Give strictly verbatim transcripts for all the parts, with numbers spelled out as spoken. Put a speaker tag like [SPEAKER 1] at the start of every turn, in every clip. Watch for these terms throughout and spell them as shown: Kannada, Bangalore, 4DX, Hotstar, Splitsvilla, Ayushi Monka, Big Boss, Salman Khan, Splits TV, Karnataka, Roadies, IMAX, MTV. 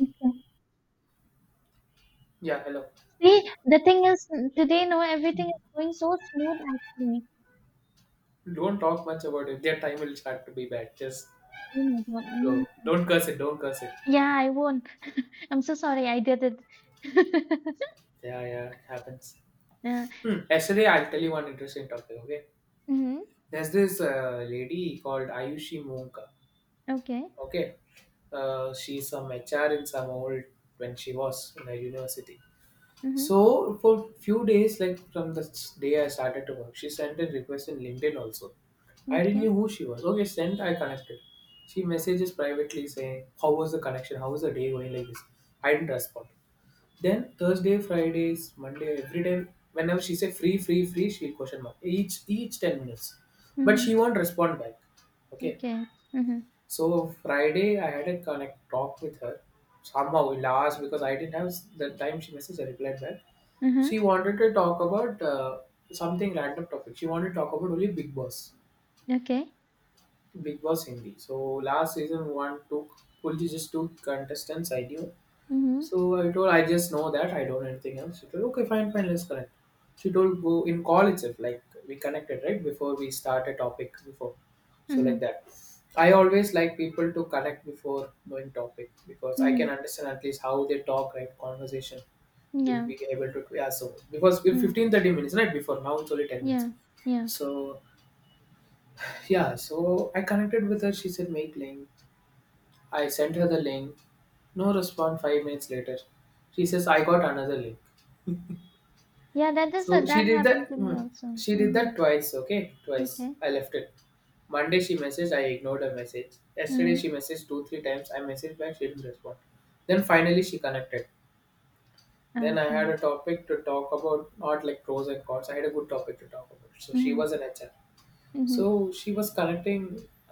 [SPEAKER 1] Okay.
[SPEAKER 2] Yeah, hello.
[SPEAKER 1] See, the thing is, today, no, everything is going so smooth actually.
[SPEAKER 2] Don't talk much about it. Their time will start to be bad. Just
[SPEAKER 1] Oh my God.
[SPEAKER 2] go.
[SPEAKER 1] Mm.
[SPEAKER 2] Don't curse it. Don't curse it.
[SPEAKER 1] Yeah, I won't. I'm so sorry, I did it.
[SPEAKER 2] Yeah, yeah, it happens.
[SPEAKER 1] Yeah.
[SPEAKER 2] Hmm. Yesterday, I'll tell you one interesting topic. Okay,
[SPEAKER 1] Mm-hmm.
[SPEAKER 2] there's this uh, lady called Ayushi Monka.
[SPEAKER 1] Okay.
[SPEAKER 2] Okay, uh, she's some H R in some old when she was in the university.
[SPEAKER 1] Mm-hmm.
[SPEAKER 2] So for few days, like from the day I started to work, she sent a request in LinkedIn also. I didn't
[SPEAKER 1] Okay.
[SPEAKER 2] know who she was. Okay, sent, I connected. She messages privately saying, how was the connection? How was the day going, like this? I didn't respond. Then Thursday, Fridays, Monday, every day, whenever she said free, free, free, she'll question mark. Each each ten minutes. But
[SPEAKER 1] Mm-hmm.
[SPEAKER 2] she won't respond back. Okay.
[SPEAKER 1] Okay. Mm-hmm.
[SPEAKER 2] So Friday, I had a connect talk with her. Somehow, in the, because I didn't have s- the time. She messaged, I replied back. She
[SPEAKER 1] Mm-hmm.
[SPEAKER 2] wanted to talk about uh, something random topic. She wanted to talk about only Big Boss,
[SPEAKER 1] Okay.
[SPEAKER 2] Big Boss Hindi. So last season one took only just two contestants, I knew.
[SPEAKER 1] Mm-hmm.
[SPEAKER 2] So I told I just know that, I don't know anything else. She told, okay, fine, fine, let's connect. She told, go in call itself, like we connected right before we start a topic before, so
[SPEAKER 1] Mm-hmm.
[SPEAKER 2] like that. I always like people to connect before knowing topic, because I
[SPEAKER 1] Mm-hmm.
[SPEAKER 2] can understand at least how they talk, right, conversation will
[SPEAKER 1] Yeah.
[SPEAKER 2] be able to, yeah. So because we
[SPEAKER 1] Mm.
[SPEAKER 2] fifteen thirty minutes right before, now it's only ten minutes.
[SPEAKER 1] Yeah. Yeah.
[SPEAKER 2] So yeah, so I connected with her, she said, make link. I sent her the link. No response five minutes later. She says, I got another link.
[SPEAKER 1] Yeah, that is
[SPEAKER 2] So
[SPEAKER 1] that
[SPEAKER 2] she did
[SPEAKER 1] happened
[SPEAKER 2] that
[SPEAKER 1] to me
[SPEAKER 2] mm,
[SPEAKER 1] also.
[SPEAKER 2] she did that
[SPEAKER 1] Mm-hmm.
[SPEAKER 2] twice, okay? Twice.
[SPEAKER 1] Okay.
[SPEAKER 2] I left it. Monday she messaged, I ignored her message. Yesterday
[SPEAKER 1] Mm-hmm.
[SPEAKER 2] she messaged two, three times, I messaged back, she didn't respond. Then finally she connected. Then I had
[SPEAKER 1] Okay.
[SPEAKER 2] a topic to talk about, not like pros and cons. I had a good topic to talk about. So she
[SPEAKER 1] Mm-hmm.
[SPEAKER 2] was an H R.
[SPEAKER 1] Mm-hmm.
[SPEAKER 2] So she was connecting,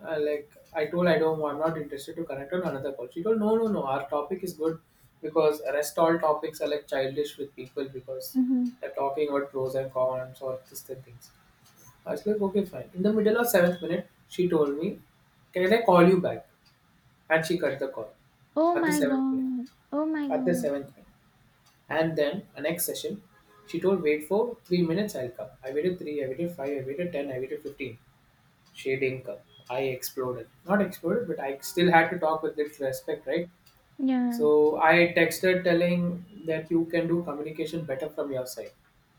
[SPEAKER 2] uh, like I told, I don't, I'm not interested to connect on another call. She told, no, no, no, our topic is good, because rest all topics are like childish with people, because
[SPEAKER 1] Mm-hmm.
[SPEAKER 2] they're talking about pros and cons or this and things. I was like, okay, fine. In the middle of seventh minute, she told me, can I call you back? And she cut the call
[SPEAKER 1] Oh
[SPEAKER 2] at the
[SPEAKER 1] my
[SPEAKER 2] seventh minute.
[SPEAKER 1] God. Oh my
[SPEAKER 2] At the
[SPEAKER 1] God.
[SPEAKER 2] seventh minute. And then a next session, she told, wait for three minutes, I'll come. I waited three, I waited five, I waited ten, I waited fifteen, she didn't come. I exploded. Not exploded, but I still had to talk with it respect, right?
[SPEAKER 1] Yeah,
[SPEAKER 2] So I texted, telling that you can do communication better from your side.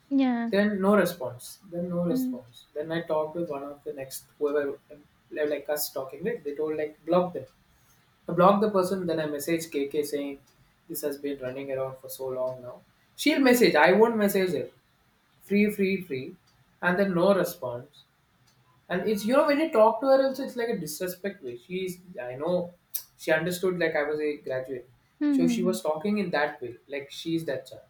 [SPEAKER 1] yeah.
[SPEAKER 2] Then no response. Then no
[SPEAKER 1] Mm,
[SPEAKER 2] response. Then I talked with one of the next whoever, like us talking, right? They told, like, block them. I blocked the person, then I messaged K K saying this has been running around for so long now. She'll
[SPEAKER 1] mm.
[SPEAKER 2] message, I won't message her. Free, free, free. And then no response. And it's, you know when you talk to her also, it's like a disrespect way. She's I know she understood like I was a graduate.
[SPEAKER 1] Hmm,
[SPEAKER 2] So
[SPEAKER 1] hmm,
[SPEAKER 2] she
[SPEAKER 1] hmm.
[SPEAKER 2] was talking in that way. Like she's that child.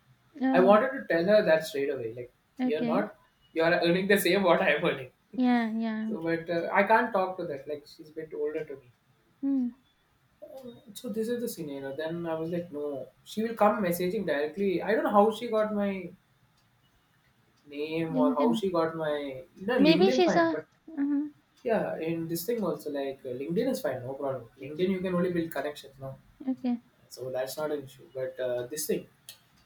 [SPEAKER 2] I
[SPEAKER 1] Oh,
[SPEAKER 2] wanted to tell her that straight away. Like you're
[SPEAKER 1] okay.
[SPEAKER 2] not, you're earning the same what I'm earning.
[SPEAKER 1] Yeah, yeah.
[SPEAKER 2] So but uh, I can't talk to that. Like she's a bit older to me.
[SPEAKER 1] Mm.
[SPEAKER 2] Um, So this is the scenario. Then I was like, no, she will come messaging directly. I don't know how she got my name or how
[SPEAKER 1] LinkedIn.
[SPEAKER 2] she got my you know
[SPEAKER 1] Maybe
[SPEAKER 2] LinkedIn
[SPEAKER 1] she's
[SPEAKER 2] find, but
[SPEAKER 1] a. Mm-hmm.
[SPEAKER 2] yeah, in this thing also, like uh, LinkedIn is fine, no problem. LinkedIn you can only build connections, no,
[SPEAKER 1] Okay.
[SPEAKER 2] so that's not an issue. But uh, this thing,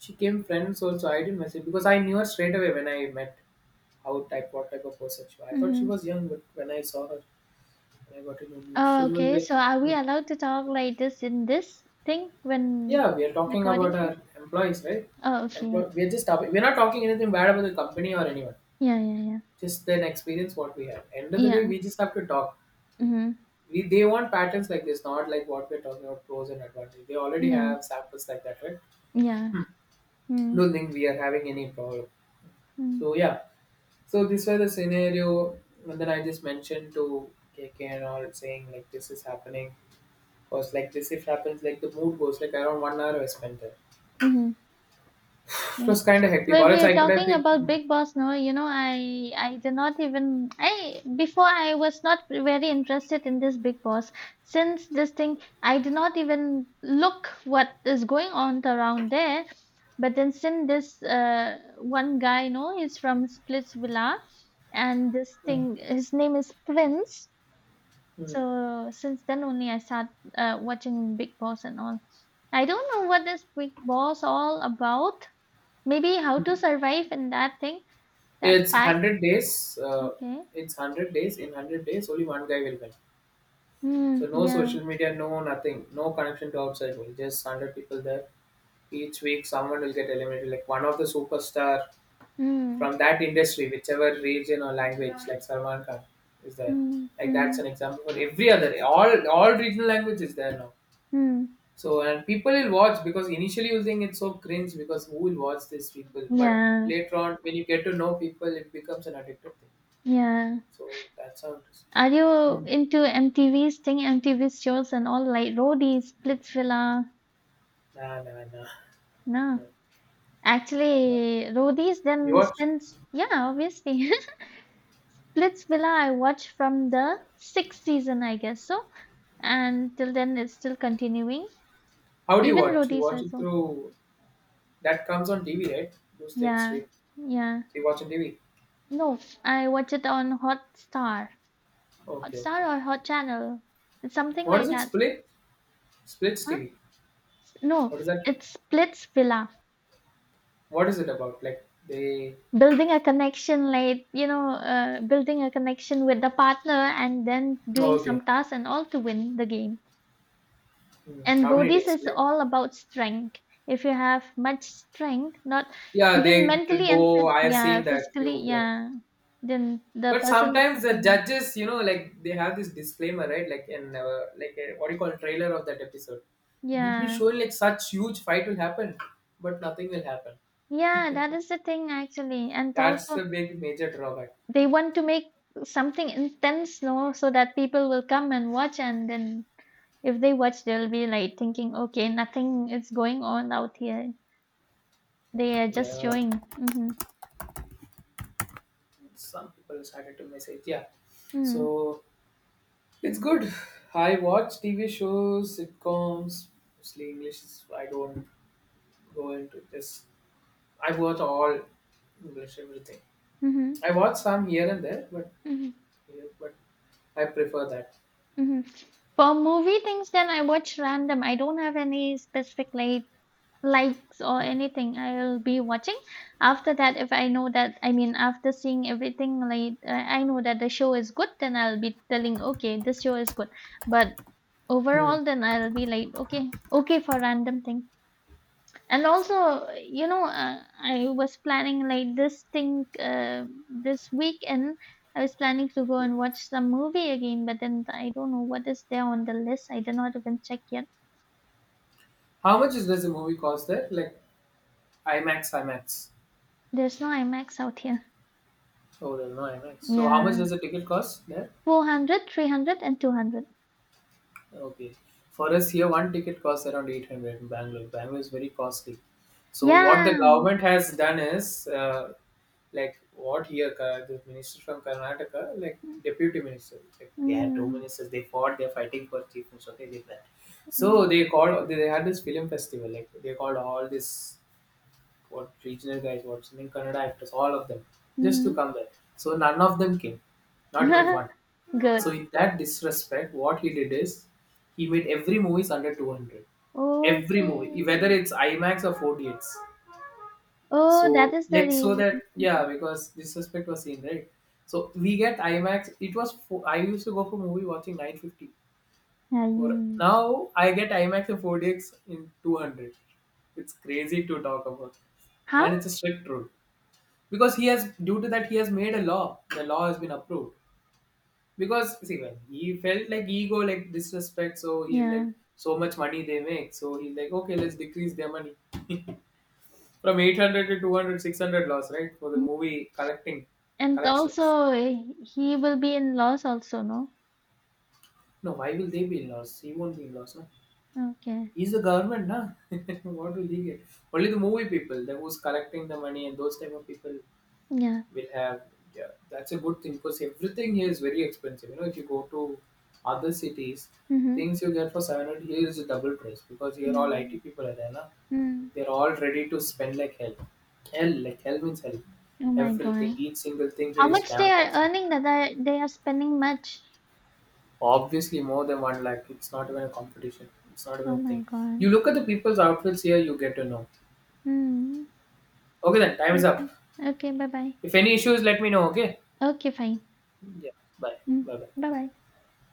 [SPEAKER 2] she came friends also. I didn't message because I knew her straight away when I met, how type what type of person she was. I thought she
[SPEAKER 1] Mm-hmm.
[SPEAKER 2] was young, but when I saw her, when I got to know her, she
[SPEAKER 1] Oh,
[SPEAKER 2] was
[SPEAKER 1] okay.
[SPEAKER 2] like,
[SPEAKER 1] So are we
[SPEAKER 2] hmm.
[SPEAKER 1] allowed to talk like this in this thing when
[SPEAKER 2] Yeah, we are talking about
[SPEAKER 1] recording thing?
[SPEAKER 2] our employees, right?
[SPEAKER 1] Oh, okay. Yeah.
[SPEAKER 2] Employ- we are just talking. We're not talking anything bad about the company or anyone.
[SPEAKER 1] Yeah, yeah, yeah.
[SPEAKER 2] Just an experience what we have. End of the day,
[SPEAKER 1] Yeah.
[SPEAKER 2] we just have to talk.
[SPEAKER 1] Mm-hmm.
[SPEAKER 2] We, they want patterns like this, not like what we're talking about, pros and advantages. They already
[SPEAKER 1] Yeah.
[SPEAKER 2] have samples like that, right?
[SPEAKER 1] Yeah. Mm.
[SPEAKER 2] Don't think we are having any problem.
[SPEAKER 1] Hmm.
[SPEAKER 2] So yeah, so this was the scenario, and then I just mentioned to K K and all, saying like this is happening. Cause like this if happens, like the mood goes, like around one hour I spent there.
[SPEAKER 1] Mm-hmm.
[SPEAKER 2] It
[SPEAKER 1] Yeah.
[SPEAKER 2] was kind of
[SPEAKER 1] So
[SPEAKER 2] hectic. Or
[SPEAKER 1] if
[SPEAKER 2] else
[SPEAKER 1] you're
[SPEAKER 2] I could have
[SPEAKER 1] talking
[SPEAKER 2] been.
[SPEAKER 1] about Big Boss, no, you know, I I did not even I before I was not very interested in this Big Boss. Since this thing, I did not even look what is going on around there. But then since this uh one guy, no, he's from Splitsvilla, and this
[SPEAKER 2] Mm,
[SPEAKER 1] thing, his name is Prince.
[SPEAKER 2] mm,
[SPEAKER 1] So since then only I start uh, watching Big Boss and all. I don't know what this Big Boss all about. Maybe how to
[SPEAKER 2] mm.
[SPEAKER 1] survive in that thing, that
[SPEAKER 2] It's
[SPEAKER 1] pack.
[SPEAKER 2] hundred days. Uh,
[SPEAKER 1] Okay.
[SPEAKER 2] it's hundred days. In hundred days, only one guy will win. So
[SPEAKER 1] Mm,
[SPEAKER 2] no
[SPEAKER 1] yeah.
[SPEAKER 2] social media, no nothing, no connection to outside world. Just hundred people there. Each week, someone will get eliminated. Like one of the superstar from
[SPEAKER 1] Mm,
[SPEAKER 2] that industry, whichever region or language, like Salman Khan is there.
[SPEAKER 1] mm,
[SPEAKER 2] Like that's
[SPEAKER 1] mm,
[SPEAKER 2] an example for every other. All all regional language is there now.
[SPEAKER 1] mm.
[SPEAKER 2] So and people will watch, because initially you think it's so cringe, because who will watch these people? But
[SPEAKER 1] Yeah.
[SPEAKER 2] later on, when you get to know people, it becomes an addictive thing.
[SPEAKER 1] Yeah.
[SPEAKER 2] So that's how it is.
[SPEAKER 1] Are you into M T V's thing, M T V shows and all like Roadies, Splitsvilla?
[SPEAKER 2] Nah, nah, nah.
[SPEAKER 1] No.
[SPEAKER 2] No, I'm not.
[SPEAKER 1] Actually, Roadies
[SPEAKER 2] You
[SPEAKER 1] then
[SPEAKER 2] watch?
[SPEAKER 1] since yeah, obviously. Splitsvilla I watched from the sixth season, I guess so. And till then it's still continuing.
[SPEAKER 2] How do you
[SPEAKER 1] Even
[SPEAKER 2] watch? You
[SPEAKER 1] Roadies
[SPEAKER 2] watch
[SPEAKER 1] I
[SPEAKER 2] it
[SPEAKER 1] saw.
[SPEAKER 2] through that comes on T V, right? Those things
[SPEAKER 1] Yeah.
[SPEAKER 2] stream.
[SPEAKER 1] Yeah.
[SPEAKER 2] So you watch on T V.
[SPEAKER 1] No, I watch it on Hotstar.
[SPEAKER 2] Okay, okay.
[SPEAKER 1] Hotstar or Hot Channel. It's something
[SPEAKER 2] What is
[SPEAKER 1] like
[SPEAKER 2] it?
[SPEAKER 1] that.
[SPEAKER 2] Split? Splits
[SPEAKER 1] Huh?
[SPEAKER 2] T V.
[SPEAKER 1] No,
[SPEAKER 2] What is that?
[SPEAKER 1] it's Splits Villa.
[SPEAKER 2] What is it about? Like they?
[SPEAKER 1] Building a connection, like, you know, uh, building a connection with the partner and then
[SPEAKER 2] Oh,
[SPEAKER 1] doing
[SPEAKER 2] okay.
[SPEAKER 1] some tasks and all to win the game.
[SPEAKER 2] Hmm.
[SPEAKER 1] And
[SPEAKER 2] How many
[SPEAKER 1] roadies
[SPEAKER 2] days?
[SPEAKER 1] is
[SPEAKER 2] Like,
[SPEAKER 1] all about strength. If you have much strength, not
[SPEAKER 2] yeah,
[SPEAKER 1] even
[SPEAKER 2] they
[SPEAKER 1] mentally and
[SPEAKER 2] go.
[SPEAKER 1] phys-
[SPEAKER 2] I have seen
[SPEAKER 1] yeah,
[SPEAKER 2] that
[SPEAKER 1] physically,
[SPEAKER 2] you like.
[SPEAKER 1] yeah, then the
[SPEAKER 2] But
[SPEAKER 1] person is
[SPEAKER 2] sometimes
[SPEAKER 1] not
[SPEAKER 2] the
[SPEAKER 1] problem.
[SPEAKER 2] judges, you know, like they have this disclaimer, right? Like in uh, like uh, what do you call, trailer of that episode? It will be
[SPEAKER 1] Yeah.
[SPEAKER 2] shown like such huge fight will happen, but nothing will happen.
[SPEAKER 1] Yeah, that is the thing actually. And
[SPEAKER 2] That's
[SPEAKER 1] also
[SPEAKER 2] the big major drawback.
[SPEAKER 1] they want to make something intense no so that people will come and watch, and then if they watch they'll be like thinking okay nothing is going on out here, they are just
[SPEAKER 2] Yeah,
[SPEAKER 1] showing. Mm-hmm.
[SPEAKER 2] some people started to message. Yeah,
[SPEAKER 1] Mm-hmm.
[SPEAKER 2] so it's good. I watch T V shows, sitcoms, mostly English. is- I don't go into this. I watch all English, everything.
[SPEAKER 1] Mm-hmm.
[SPEAKER 2] I watch some here and there, but
[SPEAKER 1] Mm-hmm.
[SPEAKER 2] but I prefer that.
[SPEAKER 1] Mm-hmm. For movie things then I watch random, I don't have any specific like likes or
[SPEAKER 2] Mm.
[SPEAKER 1] anything, I'll be watching. After that if I know that, I mean after seeing everything like uh, I know that the show is good then I'll be telling okay this show is good, but
[SPEAKER 2] Hmm.
[SPEAKER 1] overall, then I'll be like, okay, okay for random thing. And also, you know, uh, I was planning like this thing uh, this weekend. I was planning to go and
[SPEAKER 2] Mm.
[SPEAKER 1] watch some movie again, but then I don't know what is there on the list. I did not even check yet.
[SPEAKER 2] How much is, does a movie cost there? Like IMAX, IMAX.
[SPEAKER 1] There's no IMAX out here.
[SPEAKER 2] Oh, there's no IMAX. So how much does
[SPEAKER 1] Yeah.
[SPEAKER 2] a ticket cost there?
[SPEAKER 1] four hundred, three hundred, and two hundred.
[SPEAKER 2] Okay. For us here, one ticket costs around eight hundred in Bangalore. Bangalore is very costly. So what the
[SPEAKER 1] Yeah.
[SPEAKER 2] government has done is, uh, like what here, Ka- the minister from Karnataka, like deputy minister, like they had two
[SPEAKER 1] Mm,
[SPEAKER 2] ministers, they fought, they're fighting for chief minister, okay, they did that. So
[SPEAKER 1] mm,
[SPEAKER 2] they called, they had this film festival, like they called all this, what regional guys, what singing Kannada actors, all of them, just to
[SPEAKER 1] mm.
[SPEAKER 2] come there. So none of them came, not even one.
[SPEAKER 1] Good.
[SPEAKER 2] So in that disrespect, what he did is he made every movie under two hundred. Every movie, whether
[SPEAKER 1] Okay.
[SPEAKER 2] it's IMAX or four D X.
[SPEAKER 1] Oh, that
[SPEAKER 2] So
[SPEAKER 1] is the
[SPEAKER 2] like, so that,
[SPEAKER 1] reason.
[SPEAKER 2] yeah, because disrespect was seen, right. So we get IMAX. It was fo- I used to go for movie watching nine fifty. For
[SPEAKER 1] Mm.
[SPEAKER 2] now I get IMAX and four D X in two hundred. It's crazy to talk about,
[SPEAKER 1] Huh?
[SPEAKER 2] and it's a strict rule, because he has, due to that he has made a law, the law has been approved. Because see, when he felt like ego, like disrespect, so he's like,
[SPEAKER 1] Yeah.
[SPEAKER 2] so much money they make, so he's like, okay, let's decrease their money from eight hundred to two hundred, six hundred loss, right, for the
[SPEAKER 1] Mm.
[SPEAKER 2] movie collecting
[SPEAKER 1] And
[SPEAKER 2] collections
[SPEAKER 1] also, eh, he will be in loss also, no?
[SPEAKER 2] No, why will they be in loss? He won't be in loss, no?
[SPEAKER 1] Okay.
[SPEAKER 2] He's the government, na. What will he get? Only the movie people, the who's collecting the money, and those type of people
[SPEAKER 1] Yeah.
[SPEAKER 2] will have. Yeah, that's a good thing, because everything here is very expensive. you know if you go to other cities,
[SPEAKER 1] Mm-hmm.
[SPEAKER 2] things you get for seven hundred here is a double price, because here
[SPEAKER 1] Yeah.
[SPEAKER 2] all I T people are there, na.
[SPEAKER 1] Mm.
[SPEAKER 2] They're all ready to spend like hell. Hell, like hell means hell.
[SPEAKER 1] Oh my
[SPEAKER 2] Everything,
[SPEAKER 1] God.
[SPEAKER 2] each single thing
[SPEAKER 1] How
[SPEAKER 2] here is
[SPEAKER 1] much they
[SPEAKER 2] damn
[SPEAKER 1] are
[SPEAKER 2] costly.
[SPEAKER 1] earning that they they are spending much.
[SPEAKER 2] Obviously more than one lakh, it's not even a competition, it's not even
[SPEAKER 1] Oh
[SPEAKER 2] a
[SPEAKER 1] my
[SPEAKER 2] thing. You
[SPEAKER 1] God.
[SPEAKER 2] look at the people's outfits here, you get to know.
[SPEAKER 1] Mm.
[SPEAKER 2] Okay, then time is
[SPEAKER 1] Okay.
[SPEAKER 2] up.
[SPEAKER 1] Okay, bye-bye.
[SPEAKER 2] If any issues, let me know, okay?
[SPEAKER 1] Okay, fine.
[SPEAKER 2] Yeah, bye,
[SPEAKER 1] Mm.
[SPEAKER 2] bye, bye.
[SPEAKER 1] Bye-bye.